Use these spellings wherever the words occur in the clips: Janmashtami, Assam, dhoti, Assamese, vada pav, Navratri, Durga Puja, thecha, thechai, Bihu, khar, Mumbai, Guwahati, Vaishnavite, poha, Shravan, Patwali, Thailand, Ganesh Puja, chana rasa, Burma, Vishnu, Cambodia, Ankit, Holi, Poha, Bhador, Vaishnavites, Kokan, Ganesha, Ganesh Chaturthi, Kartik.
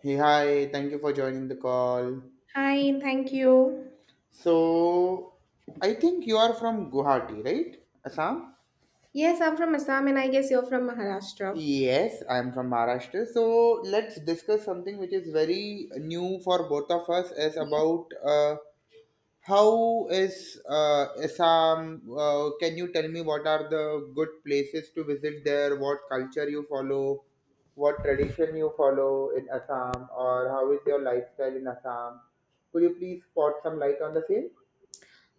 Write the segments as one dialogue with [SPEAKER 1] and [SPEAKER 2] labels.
[SPEAKER 1] Hey, hi, thank you for joining the call.
[SPEAKER 2] Hi, thank you.
[SPEAKER 1] So, I think you are from Guwahati, right? Assam?
[SPEAKER 2] Yes, I'm from Assam and I guess you're from Maharashtra.
[SPEAKER 1] Yes, I am from Maharashtra. So, let's discuss something which is very new for both of us as about how is Assam? Can you tell me what are the good places to visit there? What culture you follow? What tradition you follow in Assam? Or how is your lifestyle in Assam? Could you please spot some light on the same?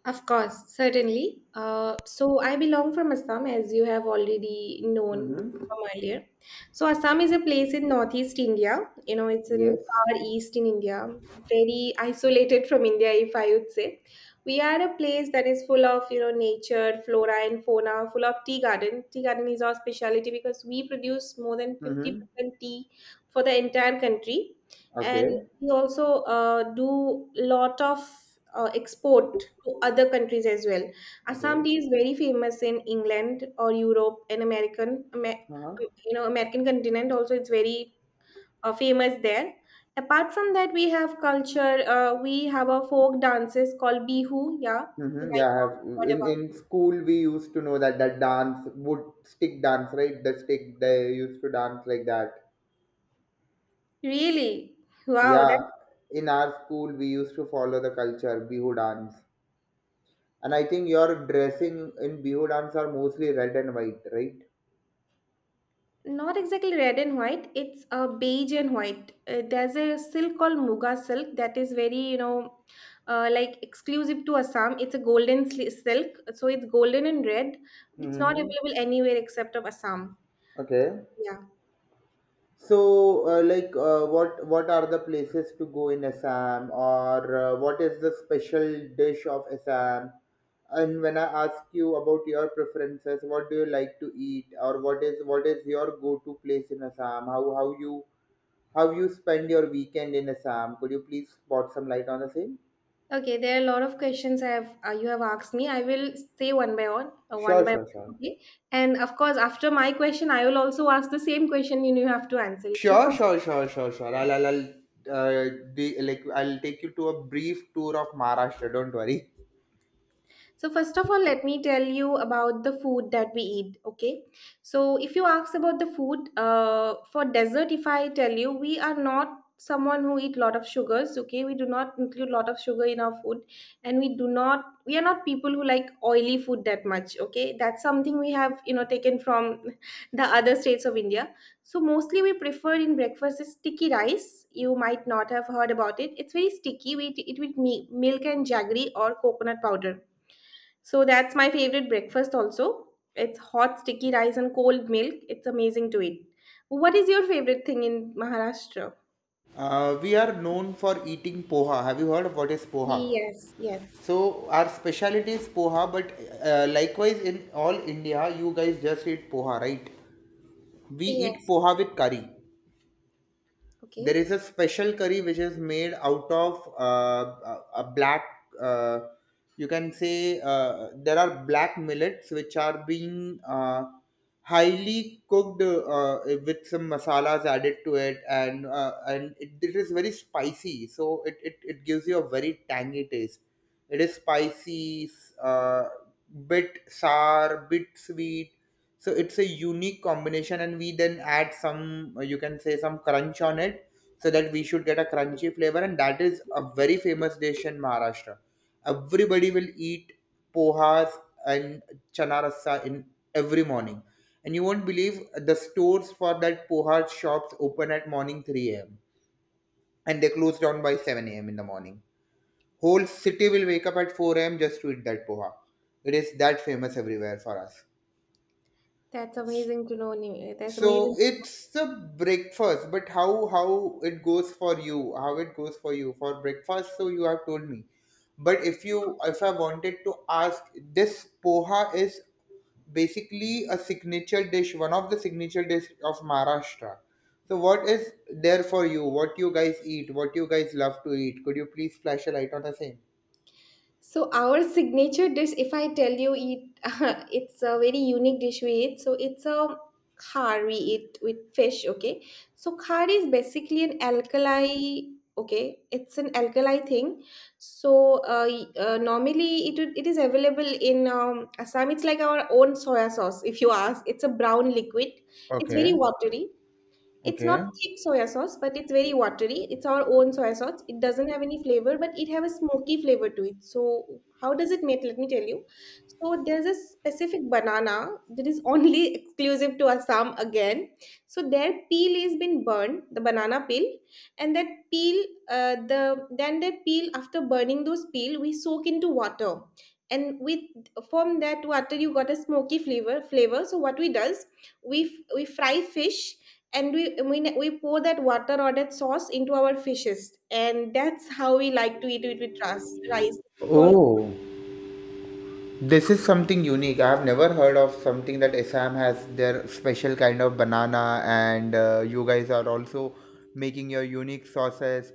[SPEAKER 2] Of course, certainly. So I belong from Assam, as you have already known
[SPEAKER 1] Mm-hmm.
[SPEAKER 2] from earlier. So Assam is a place in northeast India. It's in
[SPEAKER 1] Yes.
[SPEAKER 2] far east in India, very isolated from India, if I would say. We are a place that is full of nature, flora and fauna, full of tea garden. Tea garden is our specialty because we produce more than fifty
[SPEAKER 1] Mm-hmm.
[SPEAKER 2] percent tea for the entire country, and
[SPEAKER 1] Okay.
[SPEAKER 2] we also do lot of export to other countries as well. Assam
[SPEAKER 1] Okay.
[SPEAKER 2] tea is very famous in England or Europe and American,
[SPEAKER 1] Uh-huh.
[SPEAKER 2] American continent. Also, it's very famous there. Apart from that, we have culture. We have a folk dances called Bihu. Yeah, you
[SPEAKER 1] Mm-hmm. Yeah,
[SPEAKER 2] might
[SPEAKER 1] I
[SPEAKER 2] not
[SPEAKER 1] have
[SPEAKER 2] have heard
[SPEAKER 1] in
[SPEAKER 2] about.
[SPEAKER 1] in school we used to know that dance would stick dance, right? The stick they used to dance like that.
[SPEAKER 2] Really? Wow, that's
[SPEAKER 1] Yeah, in our school we used to follow the culture Bihu dance, and I think your dressing in Bihu dance are mostly red and white, right?
[SPEAKER 2] Not exactly red and white. It's a beige and white. There's a silk called Muga silk that is very, like exclusive to Assam. It's a golden silk, so it's golden and red. It's not
[SPEAKER 1] Mm-hmm.
[SPEAKER 2] available anywhere except of Assam.
[SPEAKER 1] Okay.
[SPEAKER 2] Yeah.
[SPEAKER 1] So, what are the places to go in Assam, or what is the special dish of Assam? And when I ask you about your preferences, what do you like to eat, or what is your go-to place in Assam? How you spend your weekend in Assam? Could you please spot some light on the same?
[SPEAKER 2] Okay, there are a lot of questions I have you have asked me. I will say one by one, one
[SPEAKER 1] Sure,
[SPEAKER 2] by
[SPEAKER 1] sure,
[SPEAKER 2] one.
[SPEAKER 1] sure.
[SPEAKER 2] Okay, and of course, after my question, I will also ask the same question. You have to answer it.
[SPEAKER 1] Sure, sure, sure, sure, sure. Uh, I'll take you to a brief tour of Maharashtra. Don't worry.
[SPEAKER 2] So, first of all, let me tell you about the food that we eat. Okay. So, if you ask about the food, for dessert, if I tell you, we are not someone who eat lot of sugars. Okay, we do not include lot of sugar in our food, and we are not people who like oily food that much. Okay, that's something we have taken from the other states of India, so mostly we prefer in breakfast is sticky rice. You might not have heard about it. It's very sticky. We eat it with milk and jaggery or coconut powder, so that's my favorite breakfast also. It's hot sticky rice and cold milk. It's amazing to eat. What is your favorite thing in Maharashtra?
[SPEAKER 1] We are known for eating poha. Have you heard of what is poha?
[SPEAKER 2] Yes, yes.
[SPEAKER 1] So our specialty is poha, but likewise in all India, you guys just eat poha, right? We eat
[SPEAKER 2] Yes.
[SPEAKER 1] poha with curry, there
[SPEAKER 2] Okay.
[SPEAKER 1] is a special curry which is made out of a black uh, you can say, there are black millets which are being highly cooked with some masalas added to it, and it is very spicy, so it gives you a very tangy taste. It is spicy, uh, bit sour, bit sweet, so it's a unique combination, and we then add some, you can say, some crunch on it so that we should get a crunchy flavor, and that is a very famous dish in Maharashtra. Everybody will eat pohas and chana rasa in every morning. And you won't believe, the stores for that poha shops open at morning 3 a.m. and they close down by 7 a.m. in the morning. Whole city will wake up at 4 a.m. just to eat that poha. It is that famous everywhere for us.
[SPEAKER 2] That's amazing to know. That's amazing
[SPEAKER 1] So it's the breakfast, but how it goes for you, how it goes for you for breakfast, so you have told me. But if you, if I wanted to ask, this poha is basically a signature dish, one of the signature dish of Maharashtra. So what is there for you? What you guys eat? What you guys love to eat? Could you please flash a light on the same?
[SPEAKER 2] So our signature dish, if I tell you it, it's a very unique dish we eat. So it's a khar we eat with fish. Okay, so khar is basically an alkali. Okay, it's an alkali thing. So normally it is available in Assam. It's like our own soya sauce. If you ask, it's a brown liquid. It's very
[SPEAKER 1] Okay.
[SPEAKER 2] watery. It's not
[SPEAKER 1] Okay.
[SPEAKER 2] thick soya sauce, but it's very watery. It's our own soya sauce. It doesn't have any flavor, but it have a smoky flavor to it. So how does it make? Let me tell you. So there's a specific banana that is only exclusive to Assam again. So their peel is been burned, the banana peel, and that peel, the then that peel after burning those peel, we soak into water, and with from that water you got a smoky flavor. So what we does, we fry fish, and we pour that water or that sauce into our fishes, and that's how we like to eat it with rice. It's called
[SPEAKER 1] Oh. This is something unique. I have never heard of something that Assam has their special kind of banana, and you guys are also making your unique sauces.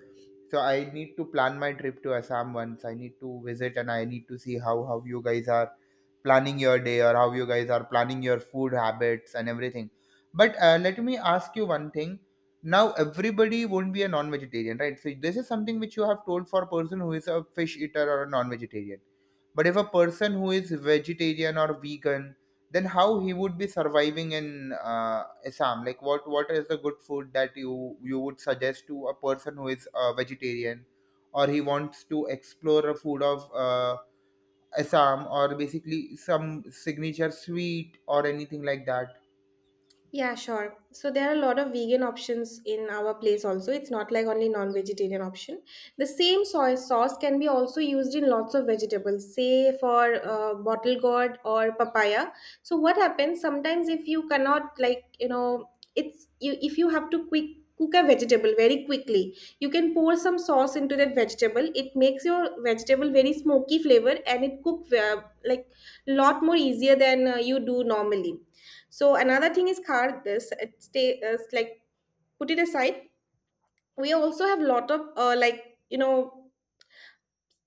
[SPEAKER 1] So I need to plan my trip to Assam once. I need to visit and I need to see how you guys are planning your day, or how you guys are planning your food habits and everything. But let me ask you one thing. Now everybody won't be a non-vegetarian, right? So this is something which you have told for a person who is a fish eater or a non-vegetarian, but if a person who is vegetarian or vegan, then how he would be surviving in Assam? Like what is the good food that you would suggest to a person who is a vegetarian, or he wants to explore a food of Assam, or basically some signature sweet or anything like that?
[SPEAKER 2] Yeah, sure. So there are a lot of vegan options in our place also. It's not like only non-vegetarian option. The same soy sauce can be also used in lots of vegetables, say for bottle gourd or papaya. So what happens sometimes if you cannot like, you know, it's you if you have to quick cook a vegetable very quickly, you can pour some sauce into that vegetable. It makes your vegetable very smoky flavor and it cook like lot more easier than you do normally. So another thing is card this it stay like put it aside. We also have lot of like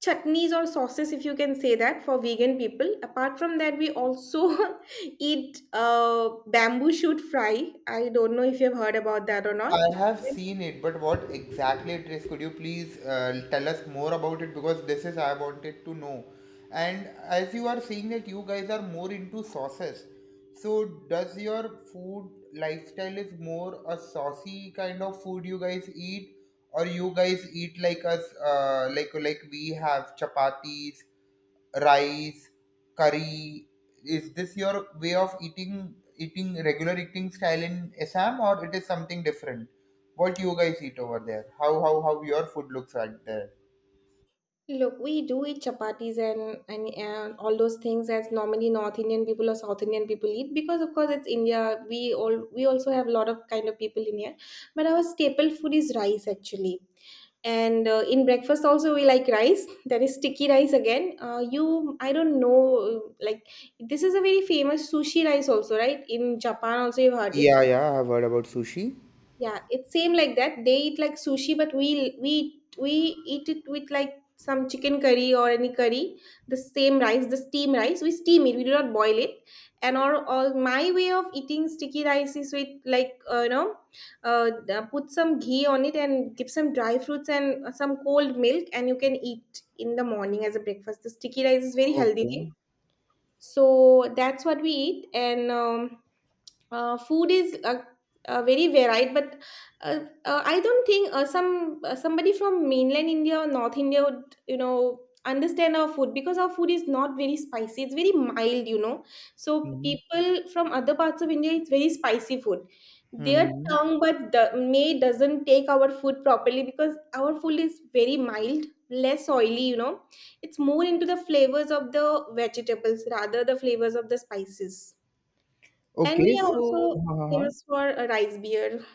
[SPEAKER 2] chutneys or sauces if you can say that for vegan people. Apart from that, we also eat bamboo shoot fry. I don't know if you've heard about that or not.
[SPEAKER 1] I have seen it, but what exactly it is? Could you please tell us more about it? Because this is I wanted to know. And as you are saying that you guys are more into sauces, so does your food lifestyle is more a saucy kind of food you guys eat, or you guys eat like us, like we have chapatis, rice, curry. Is this your way of eating, eating regular eating style in Assam, or it is something different? What you guys eat over there? How your food looks like there?
[SPEAKER 2] Look, we do eat chapatis and, and all those things as normally North Indian people or South Indian people eat because of course it's India. We also have a lot of kind of people in here, but our staple food is rice actually. And in breakfast also we like rice. That is sticky rice again. You I don't know like this is a very famous sushi rice also right in Japan also you've heard it's
[SPEAKER 1] Yeah, yeah, I've heard about sushi.
[SPEAKER 2] Yeah, it's same like that. They eat like sushi, but we eat it with like some chicken curry or any curry. The same rice, the steam rice, we steam it. We do not boil it. And or my way of eating sticky rice is with like put some ghee on it and give some dry fruits and some cold milk, and you can eat in the morning as a breakfast. The sticky rice is very healthy
[SPEAKER 1] Okay.
[SPEAKER 2] thing. So that's what we eat, and food is very varied, but I don't think somebody from mainland India or North India would understand our food, because our food is not very spicy. It's very mild. So
[SPEAKER 1] Mm-hmm.
[SPEAKER 2] people from other parts of India, it's very spicy food their
[SPEAKER 1] Mm-hmm.
[SPEAKER 2] tongue, but the may doesn't take our food properly because our food is very mild, less oily. It's more into the flavors of the vegetables rather the flavors of the spices, and
[SPEAKER 1] Okay
[SPEAKER 2] we are
[SPEAKER 1] so.
[SPEAKER 2] also
[SPEAKER 1] Uh-huh.
[SPEAKER 2] famous for a rice beer.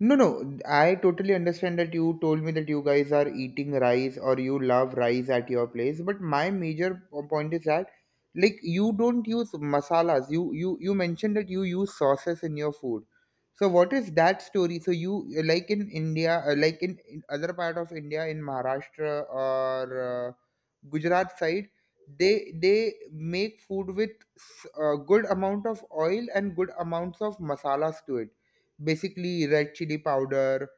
[SPEAKER 1] No, no, I totally understand that you told me that you guys are eating rice or you love rice at your place, but my major point is that, like, you don't use masalas. You mentioned that you use sauces in your food. So what is that story? So you, like in India, in other part of India, in Maharashtra or Gujarat side, they make food with a good amount of oil and good amounts of masalas to it, basically red chili powder,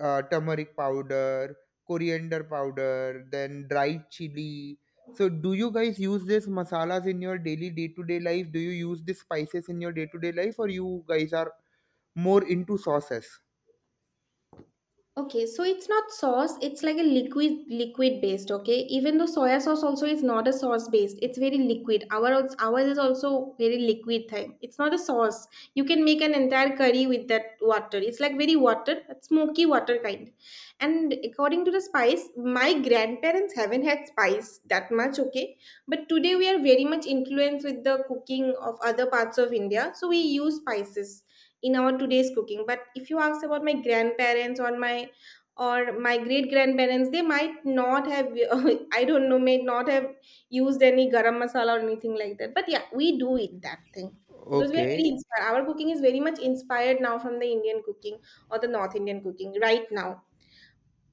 [SPEAKER 1] turmeric powder, coriander powder, then dried chili. So, do you guys use these masalas in your daily day to day life? Do you use these spices in your day to day life, or you guys are more into sauces?
[SPEAKER 2] Okay, so it's not sauce, it's like a liquid based, okay? Even though soya sauce also is not a sauce based, it's very liquid. Ours is also very liquid thing. It's not a sauce. You can make an entire curry with that water. It's like very water, smoky water kind. And according to the spice, my grandparents haven't had spice that much, okay? But today we are very much influenced with the cooking of other parts of India, so we use spices in our today's cooking. But if you ask about my grandparents or my great grandparents, they might not have I don't know, may not have used any garam masala or anything like that, but yeah, we do eat that thing because we are very
[SPEAKER 1] Okay.
[SPEAKER 2] inspired. Our cooking is very much inspired now from the Indian cooking or the North Indian cooking right now.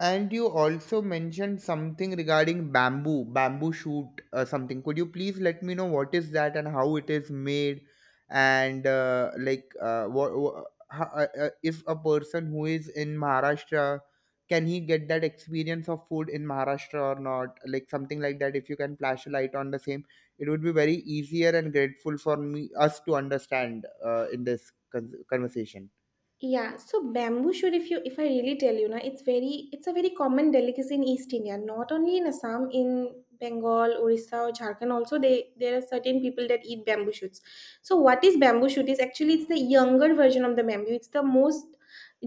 [SPEAKER 1] And you also mentioned something regarding bamboo shoot, something. Could you please let me know what is that and how it is made, and if a person who is in Maharashtra, can he get that experience of food in Maharashtra or not? Like something like that. If you can flash a light on the same, it would be very easier and grateful for me us to understand in this conversation.
[SPEAKER 2] Yeah, so bamboo shoot, if I really tell you na, it's a very common delicacy in East India, not only in Assam, in Bengal, Orissa, or Jharkhand also they there are certain people that eat bamboo shoots. So what is bamboo shoot is actually it's the younger version of the bamboo. It's the most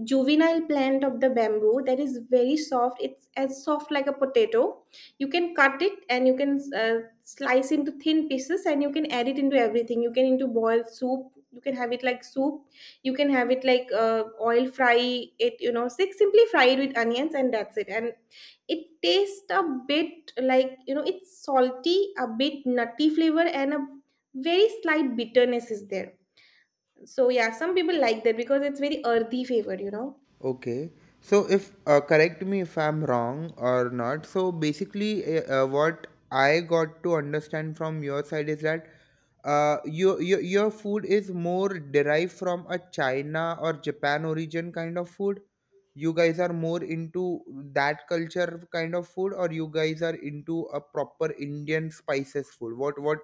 [SPEAKER 2] juvenile plant of the bamboo that is very soft. It's as soft like a potato. You can cut it and you can slice into thin pieces and you can add it into everything. You can into boiled soup. You can have it like soup. You can have it like oil fry it like simply fry it with onions and that's it. And it tastes a bit like it's salty, a bit nutty flavor, and a very slight bitterness is there. So yeah, some people like that because it's very earthy flavor.
[SPEAKER 1] Okay. So if, correct me if I'm wrong or not. So basically, what I got to understand from your side is that your your food is more derived from a China or Japan origin kind of food. You guys are more into that culture kind of food, or you guys are into a proper Indian spices food. What what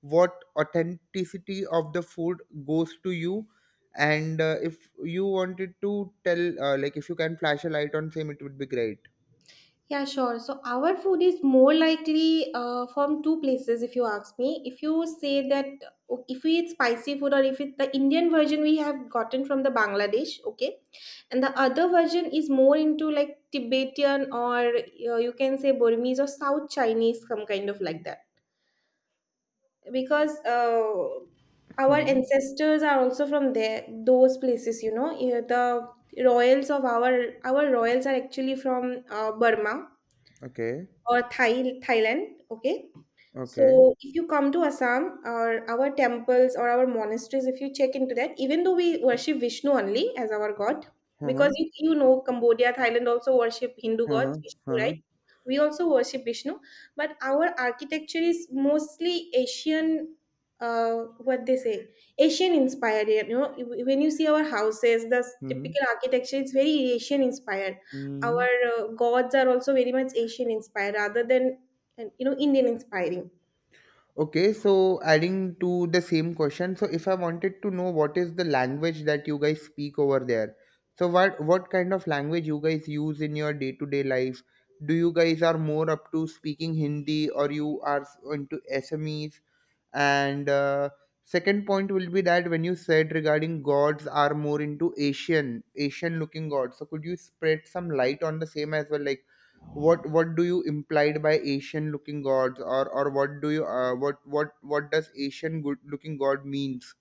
[SPEAKER 1] what authenticity of the food goes to you, and if you wanted to tell, like, if you can flash a light on same, it would be great.
[SPEAKER 2] Yeah, sure. So our food is more likely from two places, if you ask me. If you say that if we eat spicy food, or if it's the Indian version we have gotten from the Bangladesh, okay, and the other version is more into like Tibetan or you can say Burmese or South Chinese, some kind of like that, because our
[SPEAKER 1] Hmm.
[SPEAKER 2] ancestors are also from there, those places. Yeah, the royals of our royals are actually from Burma
[SPEAKER 1] Okay.
[SPEAKER 2] or Thailand. Okay.
[SPEAKER 1] Okay.
[SPEAKER 2] So if you come to Assam or our temples or our monasteries, if you check into that, even though we worship Vishnu only as our god, because
[SPEAKER 1] Uh-huh,
[SPEAKER 2] you know Cambodia, Thailand also worship Hindu gods,
[SPEAKER 1] uh-huh,
[SPEAKER 2] Vishnu,
[SPEAKER 1] uh-huh.
[SPEAKER 2] right? We also worship Vishnu, but our architecture is mostly Asian. What they say, Asian inspired. When you see our houses, the
[SPEAKER 1] Hmm.
[SPEAKER 2] typical architecture is very Asian inspired.
[SPEAKER 1] Hmm.
[SPEAKER 2] Our gods are also very much Asian inspired, rather than and you know Indian inspiring.
[SPEAKER 1] Okay, so adding to the same question, so if I wanted to know what is the language that you guys speak over there. So what kind of language you guys use in your day-to-day life? Do you guys are more up to speaking Hindi, or you are into smes? And second point will be that when you said regarding gods are more into Asian-looking gods. So could you spread some light on the same as well? Like, what do you implied by Asian-looking gods, or what do you, what does Asian good looking god means?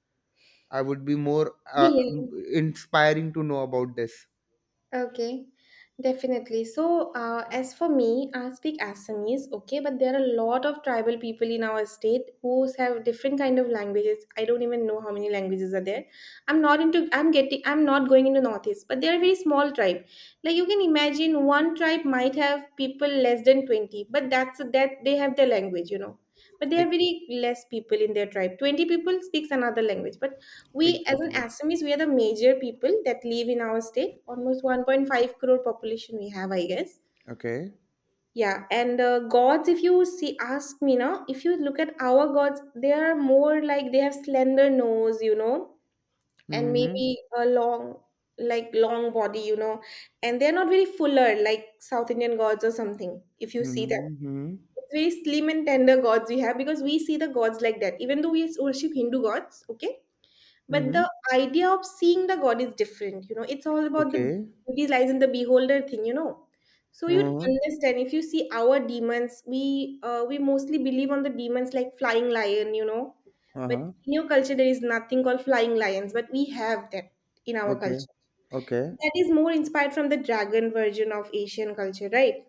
[SPEAKER 1] I would be more
[SPEAKER 2] Yeah, yeah,
[SPEAKER 1] inspiring to know about this.
[SPEAKER 2] okay, definitely. So, as for me, I speak Assamese, okay, but there are a lot of tribal people in our state who have different kind of languages. I don't even know how many languages are there. I'm not into. I'm getting. I'm not going into northeast, but they're a very small tribe. Like you can imagine, one tribe might have people less than 20, but that they have their language. But they have
[SPEAKER 1] Ex-
[SPEAKER 2] very less people in their tribe. 20 people speaks another language, but we, as an
[SPEAKER 1] Exactly.
[SPEAKER 2] Assamese, we are the major people that live in our state. Almost 1.5 crore population we have, I guess.
[SPEAKER 1] Okay.
[SPEAKER 2] Yeah, and gods, if you see, ask me now, if you look at our gods, they are more like they have slender nose, and
[SPEAKER 1] Mm-hmm.
[SPEAKER 2] maybe a long, like long body, and they're not very fuller like South Indian gods or something. If you see that,
[SPEAKER 1] Mm-hmm. Mm-hmm.
[SPEAKER 2] it's very slim and tender gods we have because we see the gods like that, even though we worship Hindu gods, okay, but
[SPEAKER 1] Mm-hmm.
[SPEAKER 2] the idea of seeing the God is different. It's all about the
[SPEAKER 1] Okay.
[SPEAKER 2] beauty lies in the beholder thing. So you'd
[SPEAKER 1] Uh-huh.
[SPEAKER 2] understand if you see our demons. We mostly believe on the demons like flying lion. But
[SPEAKER 1] Uh-huh.
[SPEAKER 2] in your culture there is nothing called flying lions, but we have that in our
[SPEAKER 1] Okay.
[SPEAKER 2] culture.
[SPEAKER 1] Okay.
[SPEAKER 2] That is more inspired from the dragon version of Asian culture, right?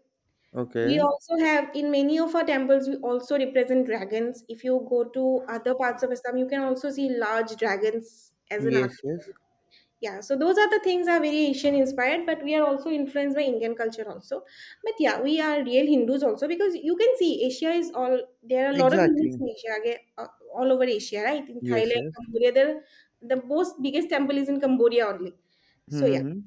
[SPEAKER 2] We
[SPEAKER 1] Okay.
[SPEAKER 2] also have in many of our temples, we also represent dragons. If you go to other parts of Assam, you can also see large dragons as an
[SPEAKER 1] Yes,
[SPEAKER 2] archetype.
[SPEAKER 1] yes.
[SPEAKER 2] Yeah, so those are the things are very Asian inspired, but we are also influenced by Indian culture also. But yeah, we are real Hindus also because you can see Asia is all there are a lot of Hindus
[SPEAKER 1] Exactly.
[SPEAKER 2] in Asia, okay, all over Asia, right? In
[SPEAKER 1] Yes,
[SPEAKER 2] Thailand,
[SPEAKER 1] yes.
[SPEAKER 2] Cambodia, there the most biggest temple is in Cambodia only. So yeah.
[SPEAKER 1] Mm-hmm.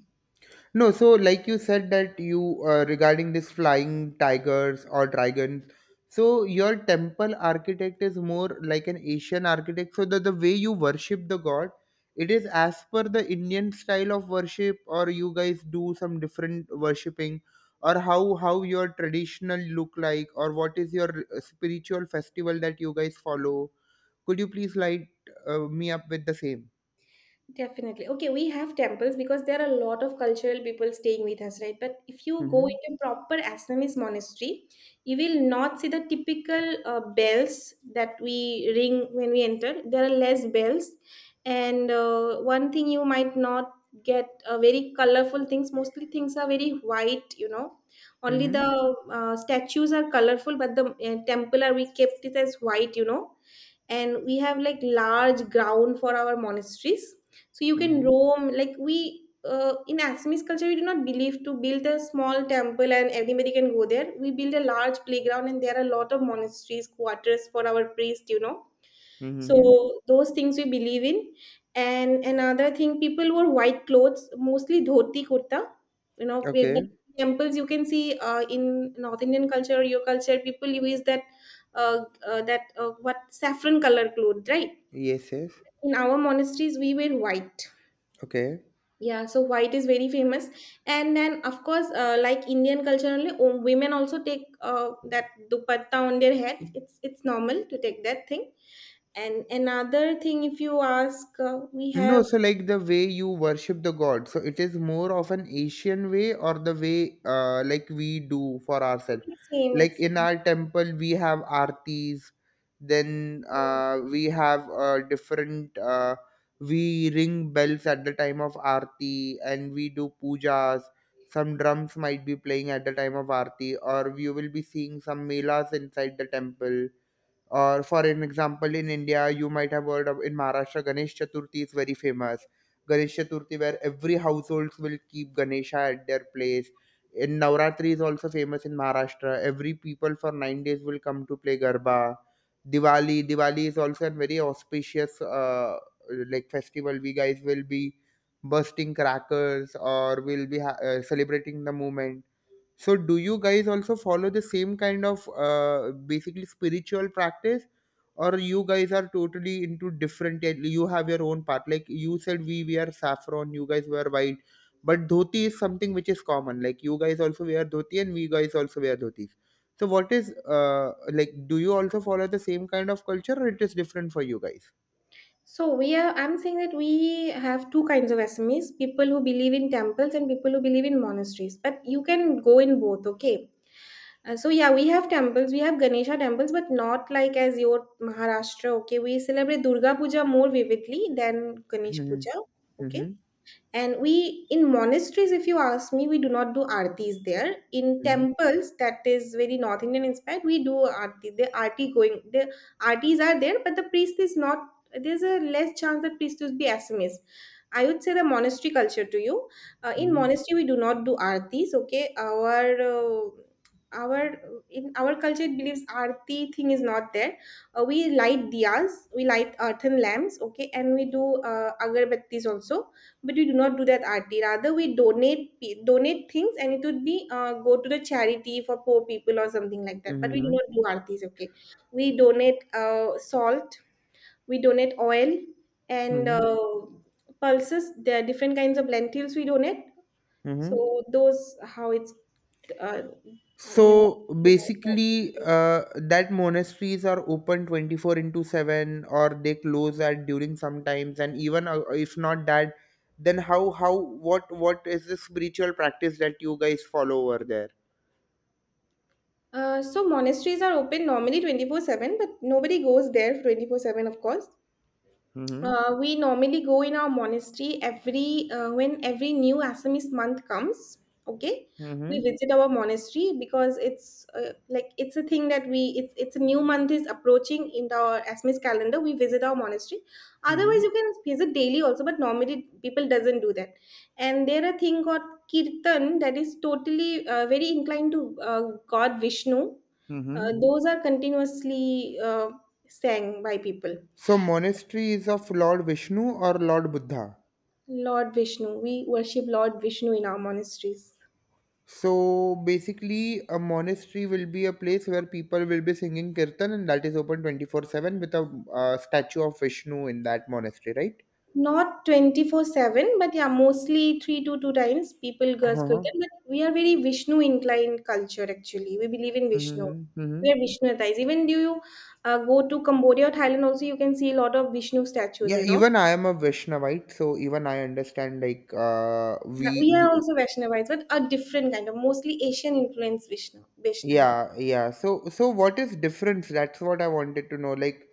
[SPEAKER 1] No, so like you said that you, regarding this flying tigers or dragons, so your temple architect is more like an Asian architect, so that the way you worship the god, it is as per the Indian style of worship, or you guys do some different worshipping, or how your traditional look like, or what is your spiritual festival that you guys follow? Could you please light me up with the same?
[SPEAKER 2] Definitely. Okay, we have temples because there are a lot of cultural people staying with us, right? But if you go
[SPEAKER 1] Mm-hmm.
[SPEAKER 2] into proper Assamese monastery, you will not see the typical bells that we ring when we enter. There are less bells, and one thing you might not get very colorful things. Mostly things are very white. Only
[SPEAKER 1] Mm-hmm.
[SPEAKER 2] the statues are colorful, but the temple are we kept it as white, and we have like large ground for our monasteries, so you can
[SPEAKER 1] Mm-hmm.
[SPEAKER 2] roam. Like we uh, in Assamese culture, we do not believe to build a small temple and everybody can go there. We build a large playground, and there are a lot of monasteries quarters for our priest you know
[SPEAKER 1] Mm-hmm.
[SPEAKER 2] so those things we believe in. And another thing, people wore white clothes, mostly dhoti kurta. But
[SPEAKER 1] Okay.
[SPEAKER 2] temples, you can see in North Indian culture, or your culture, people use that, that, what, saffron color cloth, right?
[SPEAKER 1] Yes. Yes.
[SPEAKER 2] In our monasteries we wear white.
[SPEAKER 1] Okay.
[SPEAKER 2] Yeah, so white is very famous, and then of course, like Indian culture only, women also take that dupatta on their head. It's normal to take that thing. And another thing, if you ask, we
[SPEAKER 1] No,
[SPEAKER 2] have
[SPEAKER 1] so like the way you worship the god, so it is more of an Asian way or the way, like we do for ourselves.
[SPEAKER 2] same
[SPEAKER 1] Like
[SPEAKER 2] it's.
[SPEAKER 1] in our temple, we have aartis, then we have different. We ring bells at the time of aarti, and we do pujas. Some drums might be playing at the time of aarti, or you will be seeing some melas inside the temple, or for an example, in India, you might have heard of, in Maharashtra, Ganesh Chaturthi is very famous. Ganesh Chaturthi, where every households will keep Ganesha at their place. In Navratri is also famous in Maharashtra. Every people for 9 days will come to play Garba. Diwali is also a very auspicious like festival. We guys will be bursting crackers, or we'll be celebrating the moment. So do you guys also follow the same kind of basically spiritual practice, or you guys are totally into different? You have your own path. Like you said, we wear saffron, you guys wear white, but dhoti is something which is common. Like you guys also wear dhoti and we guys also wear dhotis. So what is, like, do you also follow the same kind of culture, or it is different for you guys?
[SPEAKER 2] So we are I'm saying that we have two kinds of SMEs, people who believe in temples and people who believe in monasteries. But you can go in both, okay? So yeah, we have temples, we have Ganesha temples, but not like as your Maharashtra, okay? We celebrate Durga Puja more vividly than Ganesh
[SPEAKER 1] Mm-hmm.
[SPEAKER 2] Puja,
[SPEAKER 1] Mm-hmm.
[SPEAKER 2] okay? And we in monasteries, if you ask me, we do not do aartis there. In temples, that is very North Indian inspired. We do aarti. The aarti going, the aartis are there, but the priest is not. There's a less chance that priest will be Assamese. I would say the monastery culture to you. In
[SPEAKER 1] Mm-hmm.
[SPEAKER 2] monastery we do not do aartis, okay. Our In our culture, it believes aarti thing is not there. We light diyas, we light earthen lamps, okay, and we do agarbattis also, but we do not do that arti. Rather, we donate, donate things, and it would be, go to the charity for poor people or something like that. But we do
[SPEAKER 1] Mm-hmm.
[SPEAKER 2] not do artis, okay. We donate salt, we donate oil, and
[SPEAKER 1] Mm-hmm.
[SPEAKER 2] pulses. There are different kinds of lentils we donate. So
[SPEAKER 1] Mm-hmm.
[SPEAKER 2] those, how it's, uh, you know
[SPEAKER 1] So
[SPEAKER 2] those are-
[SPEAKER 1] basically, that monasteries are open 24 into 7, or they close at during sometimes, and even if not that, then how what is the spiritual practice that you guys follow over there?
[SPEAKER 2] uh, so monasteries are open normally 24/7, but nobody goes there 24/7, of course.
[SPEAKER 1] Mm-hmm.
[SPEAKER 2] We normally go in our monastery every when every new Assamese month comes. Okay, we
[SPEAKER 1] Mm-hmm.
[SPEAKER 2] visit our monastery because it's, like, it's a thing that we it's a new month is approaching in our Assamese calendar. We visit our monastery.
[SPEAKER 1] Mm-hmm.
[SPEAKER 2] Otherwise, you can visit daily also, but normally people doesn't do that. And there are thing called kirtan that is totally, very inclined to, God Vishnu.
[SPEAKER 1] Mm-hmm.
[SPEAKER 2] Those are continuously sang by people.
[SPEAKER 1] So monastery is of Lord Vishnu or Lord Buddha?
[SPEAKER 2] Lord Vishnu. We worship Lord Vishnu in our monasteries.
[SPEAKER 1] So basically, a monastery will be a place where people will be singing kirtan, and that is open 24/7 with a statue of Vishnu in that monastery, right?
[SPEAKER 2] Not 24/7, but yeah, mostly 3 to 2 times people go Kirtan.
[SPEAKER 1] Uh-huh.
[SPEAKER 2] But we are very Vishnu inclined culture actually. We believe in Vishnu.
[SPEAKER 1] Hmm, hmm.
[SPEAKER 2] We are Vishnuyatized. Even do you go to Cambodia or Thailand, also you can see a lot of Vishnu statues,
[SPEAKER 1] Yeah,
[SPEAKER 2] you know.
[SPEAKER 1] even I am a Vaishnavite, so even I understand, like, uh,
[SPEAKER 2] Yeah,
[SPEAKER 1] we,
[SPEAKER 2] we are
[SPEAKER 1] we
[SPEAKER 2] also Vaishnavites, but a different kind of mostly Asian influence Vishnu, Vaishnavites.
[SPEAKER 1] yeah, yeah. So so what is difference? That's what I wanted to know. like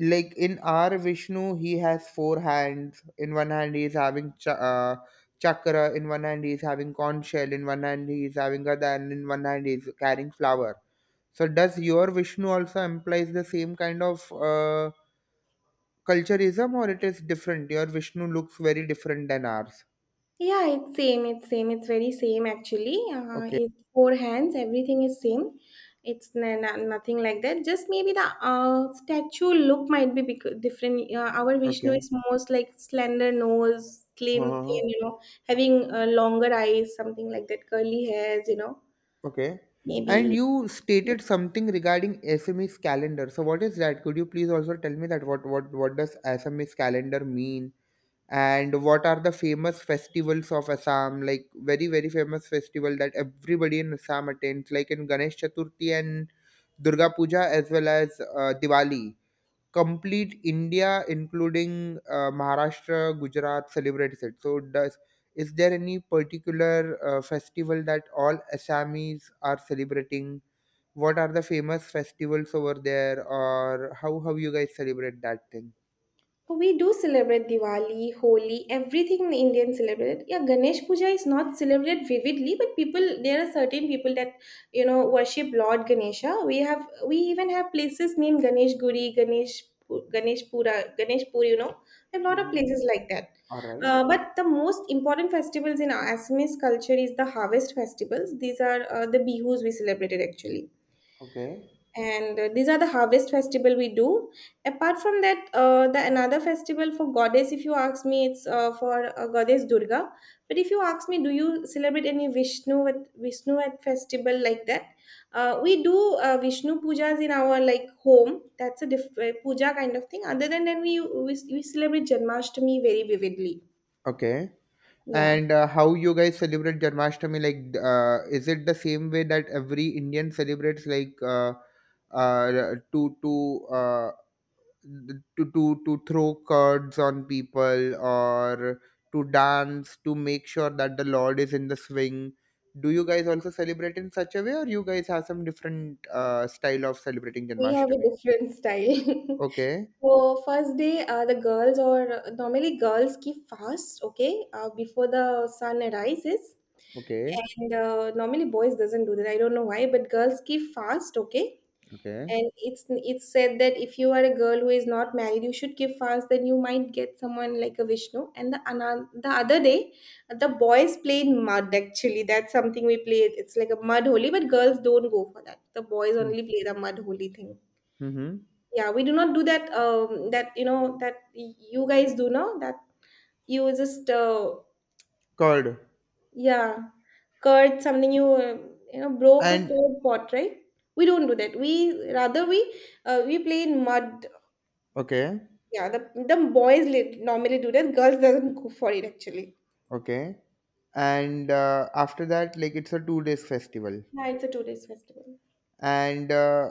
[SPEAKER 1] like in our Vishnu, he has four hands. In one hand he is having chakra, in one hand he is having conch shell, in one hand he is having gada, and in one hand he is carrying flower. So does your Vishnu also implies the same kind of culturism, or it is different? Your Vishnu looks very different than ours.
[SPEAKER 2] Yeah, it's same. It's same. It's very same actually.
[SPEAKER 1] Okay.
[SPEAKER 2] It's four hands. Everything is same. It's nothing like that. Just maybe the, statue look might be different. Our Vishnu
[SPEAKER 1] Okay.
[SPEAKER 2] is most like slender nose, slim,
[SPEAKER 1] Huh.
[SPEAKER 2] thin. Having longer eyes, something like that. Curly hairs.
[SPEAKER 1] Okay. And
[SPEAKER 2] Maybe.
[SPEAKER 1] you stated something regarding SMS calendar. So what is that? Could you please also tell me that what does SMS calendar mean? And what are the famous festivals of Assam? Like very, very famous festival that everybody in Assam attends, like in Ganesh Chaturthi and Durga Puja, as well as Diwali. Complete India, including Maharashtra, Gujarat, celebrates it. So, does is there any particular festival that all Assamese are celebrating? What are the famous festivals over there, or how you guys celebrate that thing?
[SPEAKER 2] We do celebrate Diwali, Holi, everything Indian celebrate. Yeah, Ganesh Puja is not celebrated vividly, but people, there are certain people that worship Lord Ganesha. We even have places named Ganesh Guri, Ganesh Ganesh Pura, Ganesh Pur. A lot of
[SPEAKER 1] Mhm.
[SPEAKER 2] places like that.
[SPEAKER 1] All right.
[SPEAKER 2] But the most important festivals in our Assamese culture is the harvest festivals. These are, the bihus we celebrated actually,
[SPEAKER 1] Okay.
[SPEAKER 2] and these are the harvest festival we do. Apart from that, the another festival for goddess, if you ask me, it's, for, goddess Durga. But if you ask me, do you celebrate any Vishnu at festival like that. We do Vishnu pujas in our like home. That's a puja kind of thing. Other than that, we celebrate Janmashtami very vividly.
[SPEAKER 1] Okay.
[SPEAKER 2] Yeah,
[SPEAKER 1] And how you guys celebrate Janmashtami? Like, is it the same way that every Indian celebrates, like, uh, to to uh, to throw cards on people, or to dance to make sure that the lord is in the swing? Do you guys also celebrate in such a way, or you guys have some different style of celebrating
[SPEAKER 2] we have a
[SPEAKER 1] Janmashtami?
[SPEAKER 2] different style.
[SPEAKER 1] Okay.
[SPEAKER 2] So first day, the girls or normally girls keep fast, okay, before the sun rises,
[SPEAKER 1] Okay.
[SPEAKER 2] and normally boys doesn't do that. I don't know why, but girls keep fast, okay.
[SPEAKER 1] Okay.
[SPEAKER 2] And it's said that if you are a girl who is not married, you should give fast. Then you might get someone like a Vishnu. And the other day, the boys played mud. Actually, that's something we played. It's like a mud holy, but girls don't go for that. The boys only play the mud holy thing.
[SPEAKER 1] Mm-hmm.
[SPEAKER 2] Yeah, we do not do that. That you know that, you guys do know that, you just,
[SPEAKER 1] Curd.
[SPEAKER 2] yeah, curd something, you you know broke a
[SPEAKER 1] And
[SPEAKER 2] curd pot, right? We don't do that. We rather, we play in mud.
[SPEAKER 1] okay.
[SPEAKER 2] Yeah, the boys normally do that. Girls doesn't go for it actually.
[SPEAKER 1] Okay. And after that, like, it's a 2 days festival.
[SPEAKER 2] Yeah, it's a 2 days festival.
[SPEAKER 1] And uh,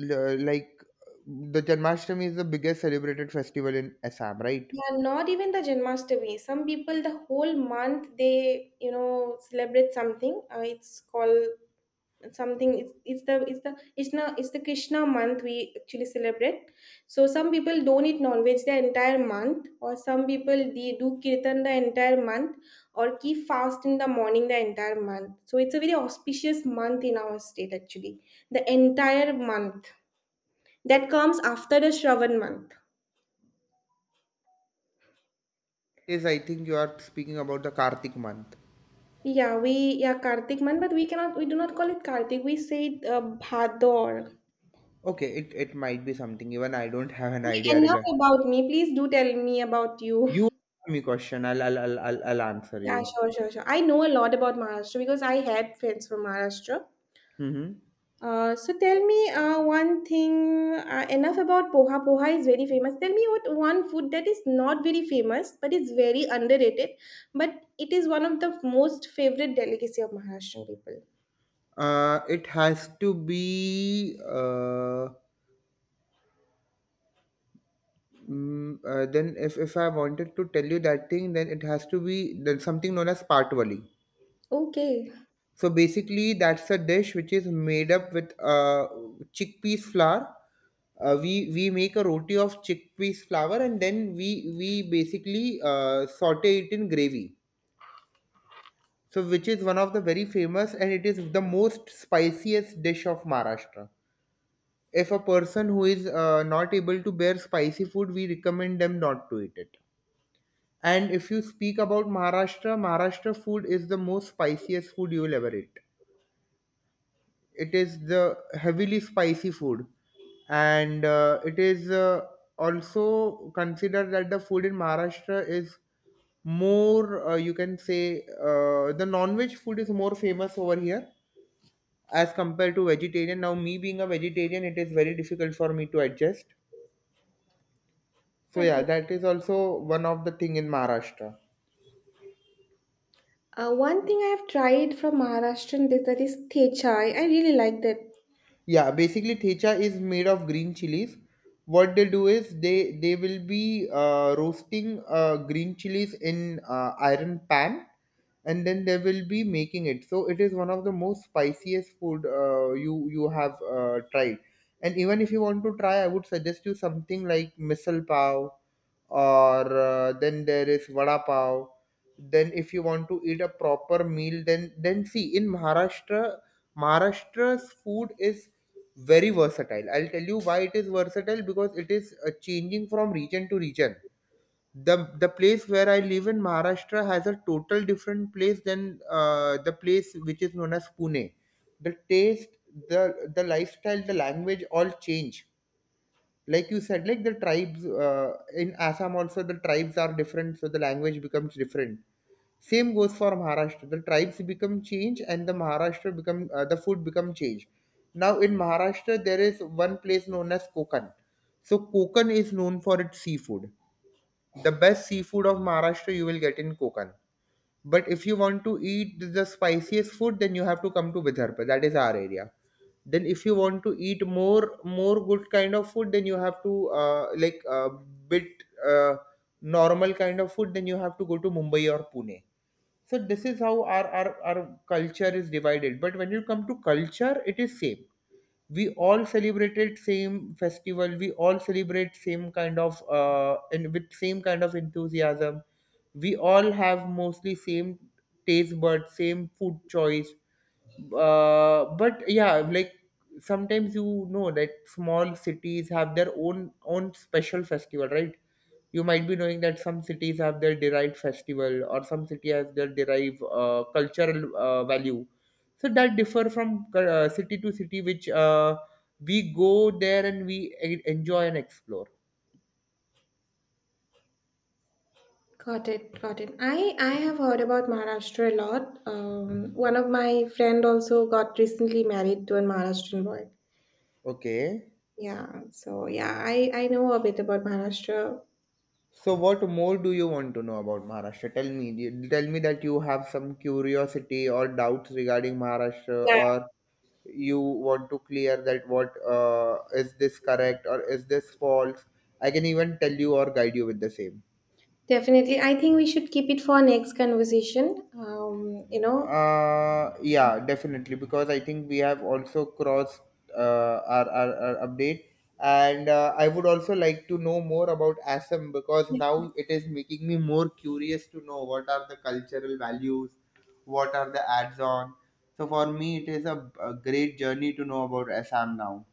[SPEAKER 1] l- like, the Janmashtami is the biggest celebrated festival in Assam, right?
[SPEAKER 2] Yeah, not even the Janmashtami. Some people the whole month they celebrate something. It's called something it's the krishna it's the Krishna month we actually celebrate. So some people don't eat non-veg the entire month, or some people they do kirtan the entire month, or keep fast in the morning the entire month. So it's a very auspicious month in our state, actually, the entire month that comes after the shravan month.
[SPEAKER 1] Yes, I think you are speaking about the Kartik month.
[SPEAKER 2] Yeah we yeah kartik month, but we do not call it kartik. We say it, bhador.
[SPEAKER 1] Okay, it might be something. Even I don't have an
[SPEAKER 2] Okay,
[SPEAKER 1] idea
[SPEAKER 2] enough
[SPEAKER 1] regard.
[SPEAKER 2] about me. Please do tell me about you.
[SPEAKER 1] You ask me question. I'll answer
[SPEAKER 2] Yeah,
[SPEAKER 1] you.
[SPEAKER 2] sure, sure, sure. I know a lot about Maharashtra because I had friends from Maharashtra.
[SPEAKER 1] Hmm.
[SPEAKER 2] So tell me one thing, enough about poha. Poha is very famous. Tell me what one food that is not very famous but is very underrated, but it is one of the most favorite delicacy of Maharashtrian people.
[SPEAKER 1] It has to be. Then if I wanted to tell you that thing, then it has to be then something known as Patwali.
[SPEAKER 2] Okay.
[SPEAKER 1] So basically, that's a dish which is made up with chickpeas flour. We make a roti of chickpeas flour, and then we basically saute it in gravy. So which is one of the very famous, and it is the most spiciest dish of Maharashtra. If a person who is not able to bear spicy food, we recommend them not to eat it. And if you speak about Maharashtra, Maharashtra food is the most spiciest food you will ever eat. It is the heavily spicy food, and it is also considered that the food in Maharashtra is more, you can say, the non-veg food is more famous over here as compared to vegetarian. Now me being a vegetarian, it is very difficult for me to adjust. So yeah,
[SPEAKER 2] Okay.
[SPEAKER 1] that is also one of the thing in Maharashtra.
[SPEAKER 2] One thing I have tried from Maharashtrian dish, that is thechai. I really like that.
[SPEAKER 1] Yeah, basically thecha is made of green chilies. What they do is they will be roasting green chilies in iron pan, and then they will be making it. So it is one of the most spiciest food you you have tried. And even if you want to try, I would suggest you something like misal pav, or then there is vada pav. Then if you want to eat a proper meal, then see, in Maharashtra, Maharashtra's food is very versatile. I'll tell you why it is versatile, because it is changing from region to region. The place where I live in Maharashtra has a total different place than the place which is known as Pune. The taste, the lifestyle, the language all change. Like you said, like the tribes in Assam also, the tribes are different, so the language becomes different. Same goes for Maharashtra. The tribes become change, and the Maharashtra become, the food become change. Now in Maharashtra, there is one place known as Kokan. So Kokan is known for its seafood. The best seafood of Maharashtra you will get in Kokan. But if you want to eat the spiciest food, then you have to come to Vidarbha. That is our area. Then if you want to eat more more good kind of food, then you have to, like a bit, normal kind of food. Then you have to go to Mumbai or Pune. So this is how our culture is divided. But when you come to culture, it is same. We all celebrated same festival, we all celebrate same kind of, uh, and with same kind of enthusiasm. We all have mostly same taste buds, same food choice. But yeah, like, sometimes you know that small cities have their own own special festival, right? You might be knowing that some cities have their derived festival, or some city has their derived cultural value. So that differ from city to city, which we go there and we enjoy and explore.
[SPEAKER 2] Got it, got it. I have heard about Maharashtra a lot. One of my friend also got recently married to a Maharashtrian boy.
[SPEAKER 1] Okay.
[SPEAKER 2] Yeah, so yeah, I know a bit about Maharashtra.
[SPEAKER 1] So what more do you want to know about Maharashtra? Tell me. You- Tell me that you have some curiosity or doubts regarding Maharashtra,
[SPEAKER 2] Yeah,
[SPEAKER 1] or you want to clear that what, is this correct or is this false? I can even tell you or guide you with the same.
[SPEAKER 2] definitely. I think we should keep it for next conversation.
[SPEAKER 1] Yeah, definitely, because I think we have also crossed our update, and I would also like to know more about Assam, because now it is making me more curious to know what are the cultural values, what are the ads on. So for me, it is a great journey to know about Assam now.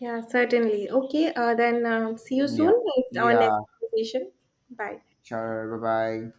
[SPEAKER 2] Yeah, certainly. Okay. Then, see you soon
[SPEAKER 1] Yeah,
[SPEAKER 2] in our next
[SPEAKER 1] yeah,
[SPEAKER 2] conversation. Bye.
[SPEAKER 1] sure, bye bye.